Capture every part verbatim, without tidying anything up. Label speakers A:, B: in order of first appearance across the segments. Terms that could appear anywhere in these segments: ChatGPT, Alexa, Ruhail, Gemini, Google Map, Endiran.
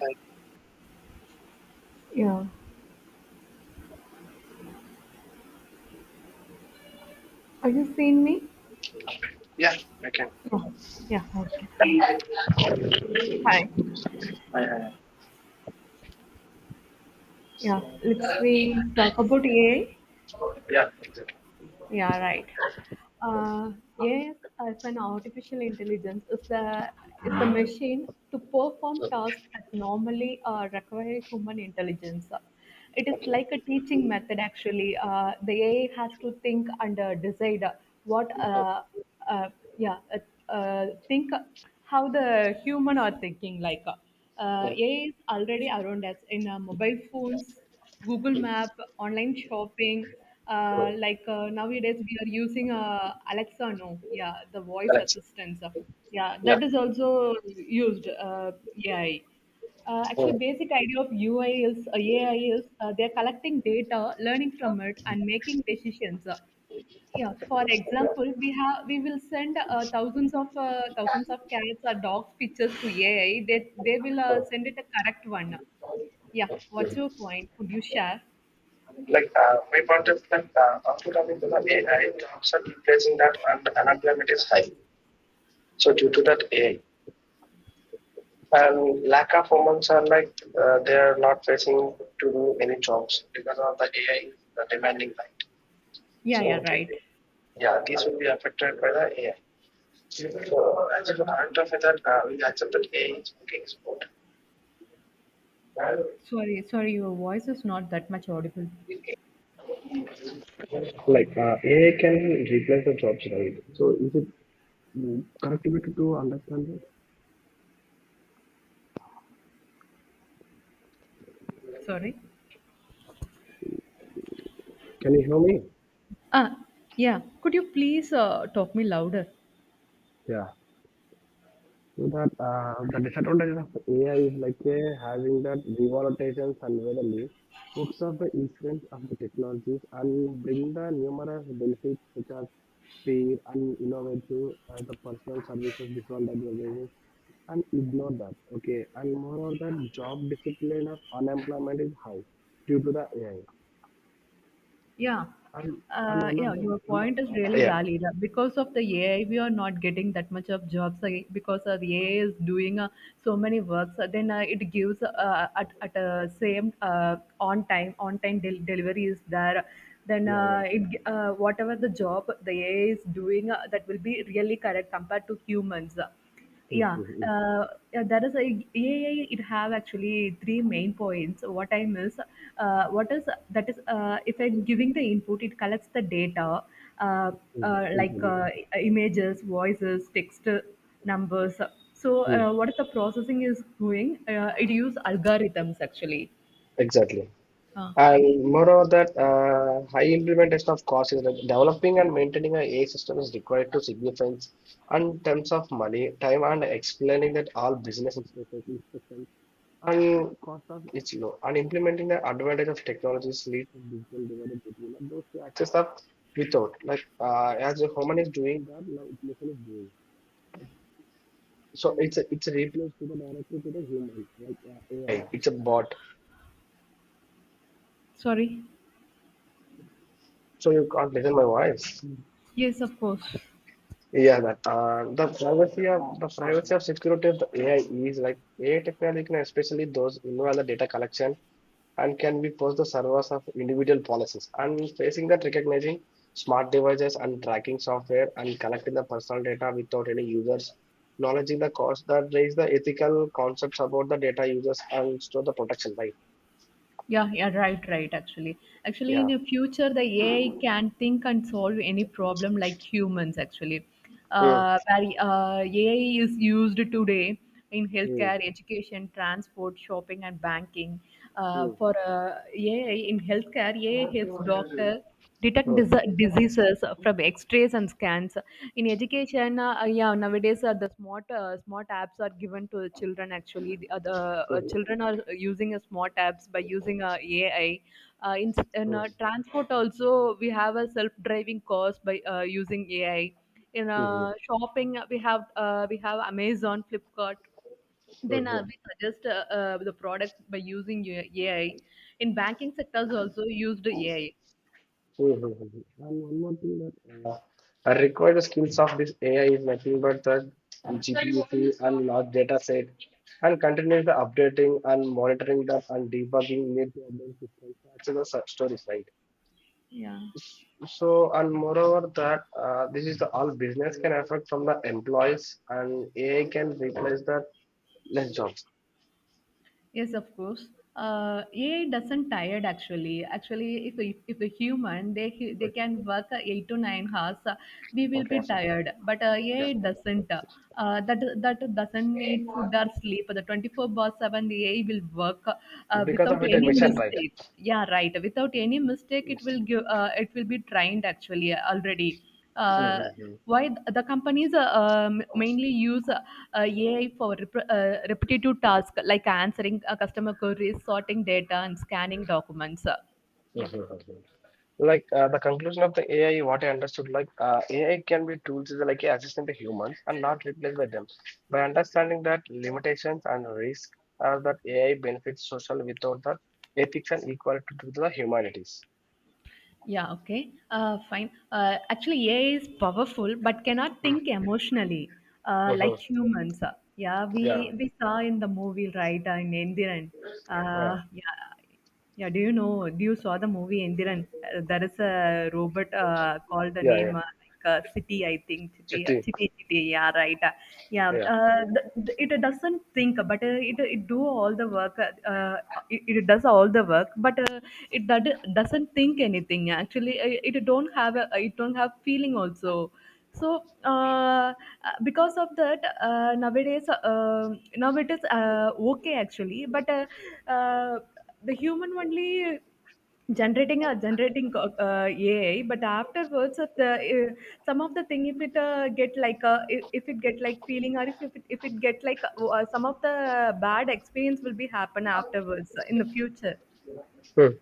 A: Uh,
B: Yeah. Are you seeing me?
A: yeah, I can.
B: Yeah. Yeah. Okay. Fine. Hi.
A: I, I,
B: Yeah. Let's we talk about A I.
A: yeah,
B: Yeah. Right. Uh, yes, as an artificial intelligence is the is the machine to perform tasks that normally uh, require human intelligence. It is like a teaching method actually. Uh, the A I has to think and uh, decide what uh, uh, yeah uh, uh, think how the human are thinking like. Uh, A I is already around us in uh, mobile phones, Google Map, online shopping. Uh, like uh, nowadays, we are using uh, Alexa now. Yeah, the voice
A: correct.
B: assistants. Yeah, that is also used uh, A I. Uh, actually, basic idea of U I is uh, A I is uh, they are collecting data, learning from it, and making decisions. Uh, yeah, for example, we have we will send uh, thousands of uh, thousands of cats or dogs pictures to A I. They they will uh, send it a correct one. Yeah, what's your point? Could you share?
A: Like uh, my point is that uh, output of it is that A I in terms of replacing that and unemployment is high. So due to that A I and lack of humans are like uh, they are not facing to do any jobs because of the A I the demanding right.
B: Yeah, yeah,
A: So
B: right.
A: they- yeah, these will be affected by the A I. So as a result of that, uh, we accept that A I is okay, it's
B: Sorry, sorry, your voice is not that much audible.
A: Like uh, A I can replace the jobs, right? So is it mm, correct way to understand that?
B: Sorry.
A: Can you hear me?
B: Ah, yeah. Could you please uh, talk me louder?
A: Yeah. So that uh, the disadvantages of A I is like uh, having that revalorizations unwittingly hooks up the incidence of the technologies and bring the numerous benefits such as speed and innovative uh, the personal services beyond organizations and ignore that. Okay. And moreover, the job discipline of unemployment is high due to the A I.
B: Yeah.
A: And know, I
B: Uh,
A: know,
B: yeah,
A: not them.
B: your
A: I
B: point is
A: uh,
B: really
A: Yeah,
B: valid. Uh, Because of the A I, we are not getting that much of jobs uh, because uh, the A I is doing uh, so many works. Uh, then uh, it gives uh, at at uh, same uh, on time on time del- delivery is there. Then
A: yeah, yeah.
B: uh, it g- uh, whatever the job the A I is doing uh, that will be really correct compared to humans.
A: Mm,
B: Yeah,
A: mm,
B: uh, yeah, that is a AI. It have actually three main points. What I miss, uh, what is That is, uh, if I'm giving the input, it collects the data, uh,
A: mm,
B: uh,
A: mm,
B: like
A: mm,
B: uh, images, voices, text, numbers. So
A: mm.
B: uh, what is the processing is doing? Uh, it use algorithms actually.
A: Exactly.
B: Uh,
A: And moreover, that uh, high implementation of cost is like developing and maintaining a AI system is required to significant and terms of money, time, and explaining that all business implications and cost of it's low. And implementing the advantage of technologies leads to digital divide between those who access up without. Like uh, as a human is doing that, now machine doing. So it's a it's a replace to the directly to the human, like uh, A I. It's a bot.
B: Sorry.
A: So you can't listen my voice.
B: Yes, of course.
A: Yeah, that uh, the privacy of the privacy of security of the A I is like A I technology, can especially those involved in the data collection, and can be post the servers of individual policies. And facing that, recognizing smart devices and tracking software and collecting the personal data without any users. Acknowledging the cost that raise the ethical concepts about the data users and store the protection, right?
B: Yeah, yeah, right, right. Actually, actually, in
A: Yeah.
B: the future, the A I can think and solve any problem like humans. Actually,
A: Mm.
B: uh, where uh, A I is used today in healthcare, education, transport, shopping, and banking. Uh,
A: Mm.
B: for uh, A I in healthcare, A I helps doctor detect dis-
A: Mhm.
B: diseases from x-rays and scans. In education, uh, yeah nowadays uh, the smart uh, smart apps are given to children. Actually, the, uh, the uh,
A: Mhm.
B: children are using uh, smart apps by using uh, A I. uh, in, in
A: Mhm.
B: uh, transport also we have a self-driving cars by uh, using A I. In uh,
A: Mhm.
B: shopping, uh, we have uh, we have Amazon, Flipkart. Then uh, we suggest uh, uh, the products by using A I. In banking sectors also used A I.
A: Mhm. And one more thing that uh, are required skills of this A I is nothing but the large data set and continuous the updating and monitoring that and debugging need to update systems. That's the su- story side.
B: Yeah.
A: So and moreover that uh, this is the all business can affect from the employees and A I can replace the less jobs.
B: Yes, of course. Uh, A I doesn't tired actually. Actually, if a, if a human they ca- they can work uh, eight to nine hours, uh, we will
A: Okay.
B: be tired. But uh,
A: Yeah.
B: A I doesn't. Uh, that that doesn't need food or sleep. The twenty four bar seven the A I will work uh,
A: Because
B: without
A: of it a
B: any
A: mission, right?
B: mistake. Yeah, right. Without any mistake, it will give. Uh, it will be trained actually already. uh,
A: Mm-hmm.
B: why th- the companies uh, um, mainly use uh, uh, A I for rep- uh, repetitive tasks like answering uh, customer queries, sorting data, and scanning documents. Uh, yeah.
A: Like uh, the conclusion of the A I, what I understood, like uh, A I can be tools is like a assistant to humans and not replaced by them. By understanding that limitations and risk are that A I benefits social without the ethics and equality to the humanities.
B: Yeah, okay. Uh, fine. Uh, actually, A I is powerful but cannot think emotionally uh,
A: Mm-hmm.
B: like humans. Uh, yeah,
A: Yeah,
B: we, we saw in the movie, right, uh, in Endiran.
A: yeah,
B: Uh, yeah, yeah, do you know? Do you saw the movie Endiran? Uh, there is a robot uh, called the
A: yeah,
B: name.
A: yeah.
B: Uh, like a city, I think. City,
A: Chitti,
B: city, city. Yeah, right. Uh, Yeah,
A: yeah.
B: uh, th- th- it doesn't think, but uh, it it do all the work. Uh, uh, it, it does all the work, but uh, it that doesn't think anything. Actually, uh, it don't have a, it don't have feeling also. So uh, because of that, uh, nowadays uh, now it is uh, okay actually, but uh, uh, the human only. Generating, a generating co- uh, A I, but afterwards, of the uh, some of the thing, if it uh, get like a if if it get like feeling, or if if it, if it get like uh, uh, some of the bad experience will be happen afterwards uh, in the future.
A: Mm.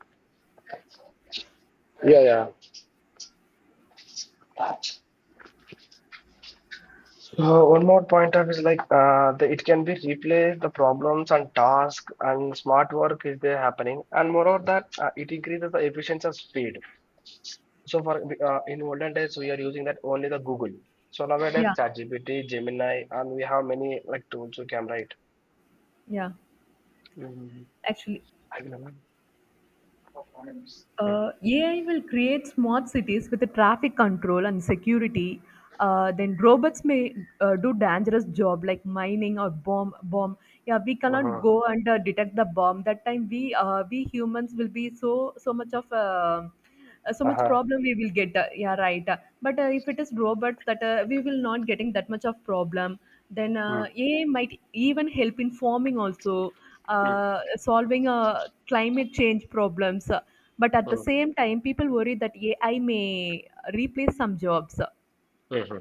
A: Yeah, yeah. So one more point of is like uh, the, it can be replaced the problems and tasks and smart work is there happening and moreover that uh, it increases the efficiency of speed. So for uh, in olden days we are using that only the Google. So nowadays
B: Yeah,
A: ChatGPT, Gemini, and we have many like tools we can write.
B: yeah,
A: Mm-hmm.
B: actually,
A: I remember. Mm.
B: uh, A I will create smart cities with the traffic control and security. Uh, then robots may uh, do dangerous job like mining or bomb bomb. Yeah, we cannot
A: Uh-huh.
B: go and uh, detect the bomb. That time we uh, we humans will be so so much of uh, uh, so much
A: Uh-huh.
B: problem we will get. uh, yeah right uh, but uh, if it is robot, that uh, we will not getting that much of problem. Then
A: Mm.
B: uh, A I might even help in forming also,
A: Mm.
B: uh, solving uh, climate change problems. Uh, but at the
A: Mm.
B: same time people worry that A I may replace some jobs. Uh,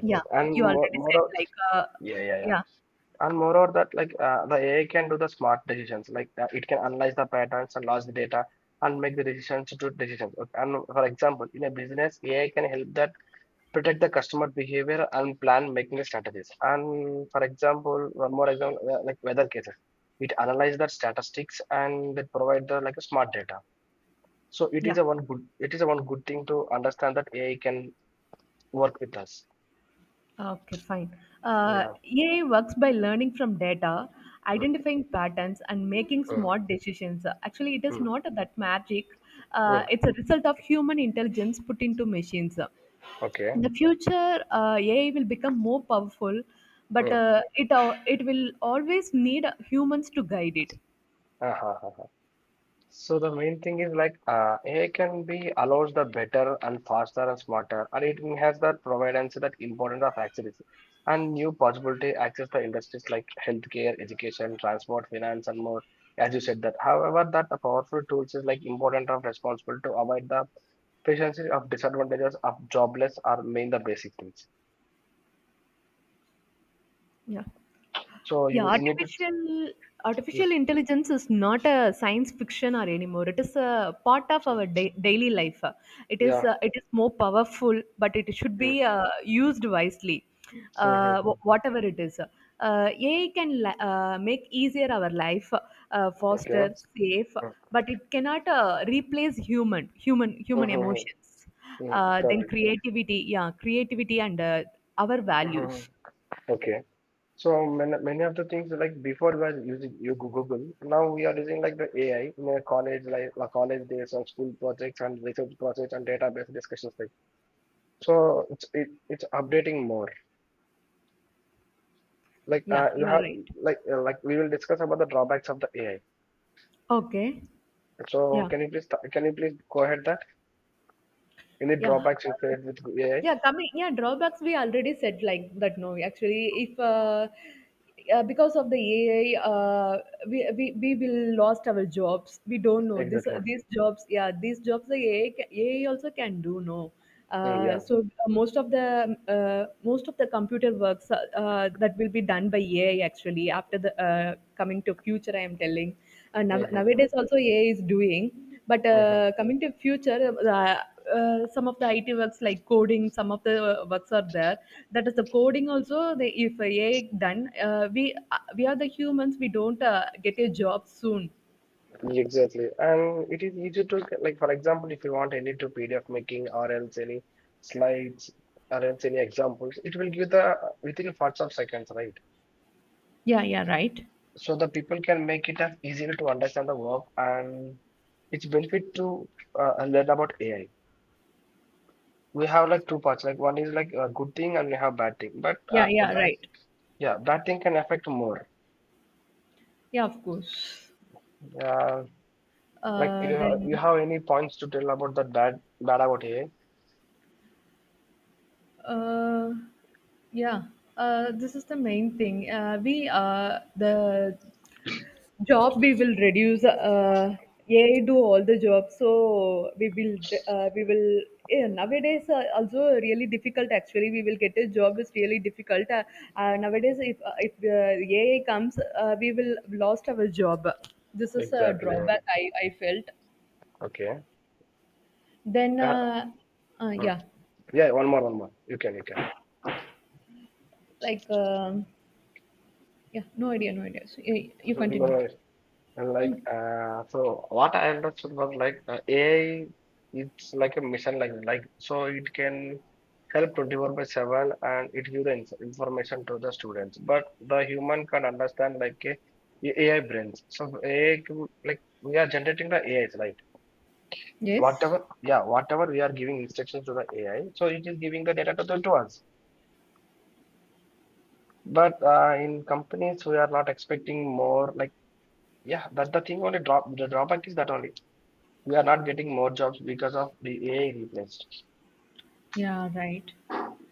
B: Yeah,
A: And
B: you already
A: more, more
B: said,
A: of,
B: like, uh,
A: yeah, yeah, yeah.
B: yeah,
A: And more of that like uh, the A I can do the smart decisions. Like uh, it can analyze the patterns and large data and make the decisions to do decisions. Okay. And for example, in a business, A I can help that protect the customer behavior and plan making strategies. And for example, one more example, uh, like weather cases, it analyze the statistics and they provide the like a smart data. So it is
B: yeah.
A: a one good, it is a one good thing to understand that A I can work with us.
B: Okay, fine. Uh,
A: Yeah.
B: A I works by learning from data,
A: Mm,
B: identifying patterns, and making
A: mm,
B: smart decisions. Actually, it is
A: mm,
B: not that magic. Uh,
A: mm.
B: it's a result of human intelligence put into machines.
A: Okay.
B: In the future, uh, A I will become more powerful, but
A: Mm.
B: uh, it uh, it will always need humans to guide it.
A: Uh-huh. Uh-huh. So the main thing is like uh, A I can be allows the better and faster and smarter, and it has that providence that importance of access and new possibility access the industries like healthcare, education, transport, finance, and more. As you said that, however, that the powerful tools is like important of responsible to avoid the efficiency of disadvantages of jobless are main the basic things.
B: Yeah.
A: So
B: Yeah,
A: you, you need to
B: artificial
A: mm,
B: artificial intelligence is not a science fiction or anymore. It is a part of our
A: mm,
B: da- daily life. It is
A: yeah.
B: uh, it is more powerful, but it should be
A: Mm,
B: uh, used wisely.
A: mm, mm,
B: Uh,
A: mm.
B: wh- whatever it is, uh, A I can li- uh, make easier our life, uh, faster,
A: Okay.
B: safe,
A: Mm,
B: but it cannot uh, replace human human
A: mm,
B: human
A: mm,
B: emotions.
A: mm.
B: Uh, then
A: Correct.
B: creativity, yeah, creativity and uh, our
A: Mm, mm, mm.
B: values.
A: Okay. So many, many of the things like before we were using you Goo- Google, now we are using like the A I in a college like like college days and school projects and research projects and database discussions like. So it's it, it's updating more. Like
B: Yeah,
A: uh, you
B: yeah,
A: have
B: right.
A: like uh, like we will discuss about the drawbacks of the A I.
B: Okay.
A: So
B: Yeah,
A: can you please th- can you please go ahead that any
B: yeah,
A: drawbacks you
B: uh,
A: face with A I?
B: yeah. Coming, yeah, drawbacks we already said like that. No, actually, if uh, uh, because of the A I, uh, we, we we will lost our jobs. We don't know this.
A: Exactly.
B: These jobs, yeah, these jobs the A I ca- A I also can do. No,
A: Mm,
B: uh,
A: yeah.
B: so uh, most of the uh, most of the computer works, uh, uh, that will be done by A I actually after the uh, coming to future. I am telling. Uh, now,
A: Mm-hmm. Mm-hmm,
B: nowadays also A I is doing. But
A: mm-hmm.
B: uh, coming to future, uh, uh, some of the I T works like coding, some of the uh, works are there. That is the coding also. The, if A I done, uh, we uh, we are the humans. We don't uh, get a job soon.
A: Exactly. And it is easy to, like, for example, if you want any to P D F making or else any slides or else any examples, it will give the within parts of seconds, right?
B: Yeah, yeah, right.
A: So the people can make it as easier to understand the work and it's benefit to uh, learn about A I. We have like two parts, like one is like a good thing and we have bad thing. But
B: Yeah,
A: uh, a
B: yeah,
A: bad,
B: right.
A: yeah, bad thing can affect more.
B: Yeah, of course.
A: Uh, like
B: Uh,
A: you, you
B: then
A: have any points to tell about the bad, bad about A I?
B: Uh, yeah, uh, this is the main thing. Uh, we uh, The job we will reduce. Uh, A I do all the job, so we will uh, we will. Yeah, nowadays uh, also really difficult. Actually, we will get a job is really difficult. Uh, uh, nowadays, if uh, if uh, A I comes, uh, we will lost our job. This is a
A: Exactly.
B: drawback I I felt.
A: Okay.
B: Then uh, uh,
A: Uh,
B: yeah,
A: Yeah, one more, one more. You can, you can.
B: like. Um Yeah, no idea, no idea. So, you, you
A: No
B: continue.
A: worries. And like,
B: Hmm.
A: uh, so what I understood was like uh, A I, it's like a mission, like like so it can help twenty-four by seven and it give the inf information to the students. But the human can understand like a a AI brains. So A I, can- like we are generating the A Is, right?
B: Yes.
A: Whatever, yeah, whatever we are giving instructions to the A I, so it is giving the data to, the, to us. But uh, in companies, we are not expecting more like yeah, that's the thing only drop the drawback is that only. We are not getting more jobs because of the A I replaced.
B: Yeah, right.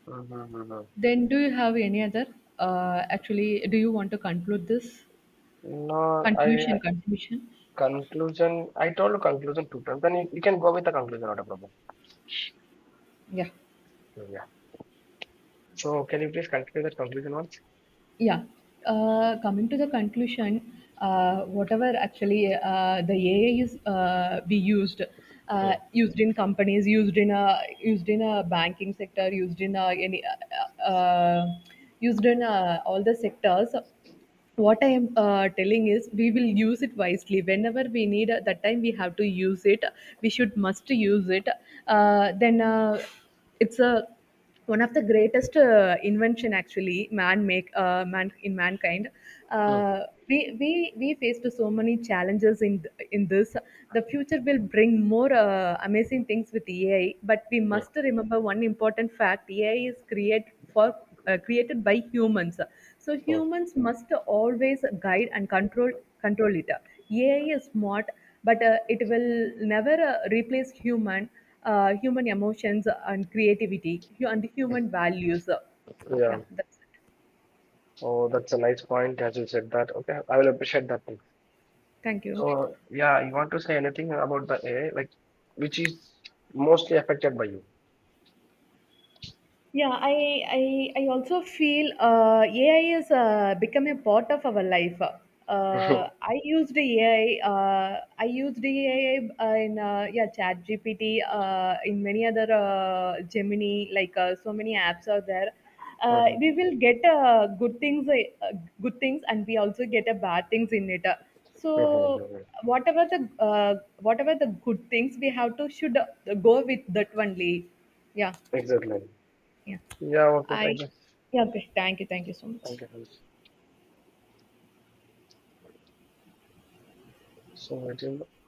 A: Mm-hmm.
B: Then do you have any other? Uh, actually, do you want to conclude this?
A: No,
B: Conclusion,
A: I
B: conclusion.
A: conclusion I told you conclusion two times. Then you, you can go with the conclusion, not a problem.
B: Yeah.
A: Yeah. So can you please continue that conclusion once?
B: Yeah. Uh, coming to the conclusion, uh, whatever actually uh, the A I is uh, be used, uh, used in companies, used in a used in a banking sector, used in a, any uh, uh, used in uh, all the sectors. What I am uh, telling is we will use it wisely whenever we need. Uh, that time we have to use it. We should must use it. Uh, then uh, it's a one of the greatest uh, invention actually man make uh, man in mankind. uh, we we we faced so many challenges in th- in this. The future will bring more uh, amazing things with A I. But we must remember one important fact, A I is created for uh, created by humans. So humans must always guide and control control it. A I is smart, but uh, it will never uh, replace human uh, human emotions, and creativity, hu- and human values.
A: Yeah.
B: Yeah, that's it,
A: Oh, that's a nice point as you said that. Okay, I will appreciate that thing.
B: thank you.
A: So yeah, you want to say anything about the A I, like which is mostly affected by you.
B: Yeah, I I, I also feel uh, A I has uh, become a part of our life. Uh, I used A I. Uh, I used A I uh, in uh, yeah ChatGPT. Uh, in many other uh, Gemini, like uh, so many apps are there. Uh, we
A: Mhm,
B: will get uh, good things, uh, good things, and we also get uh, bad things in it. So
A: mhm, mhm, mhm.
B: whatever the uh, whatever the good things we have to should uh, go with that only. Yeah.
A: Exactly.
B: Yeah.
A: Yeah, okay,
B: I
A: thank you.
B: yeah, okay. Thank you. Thank you so much.
A: Thank you. So I do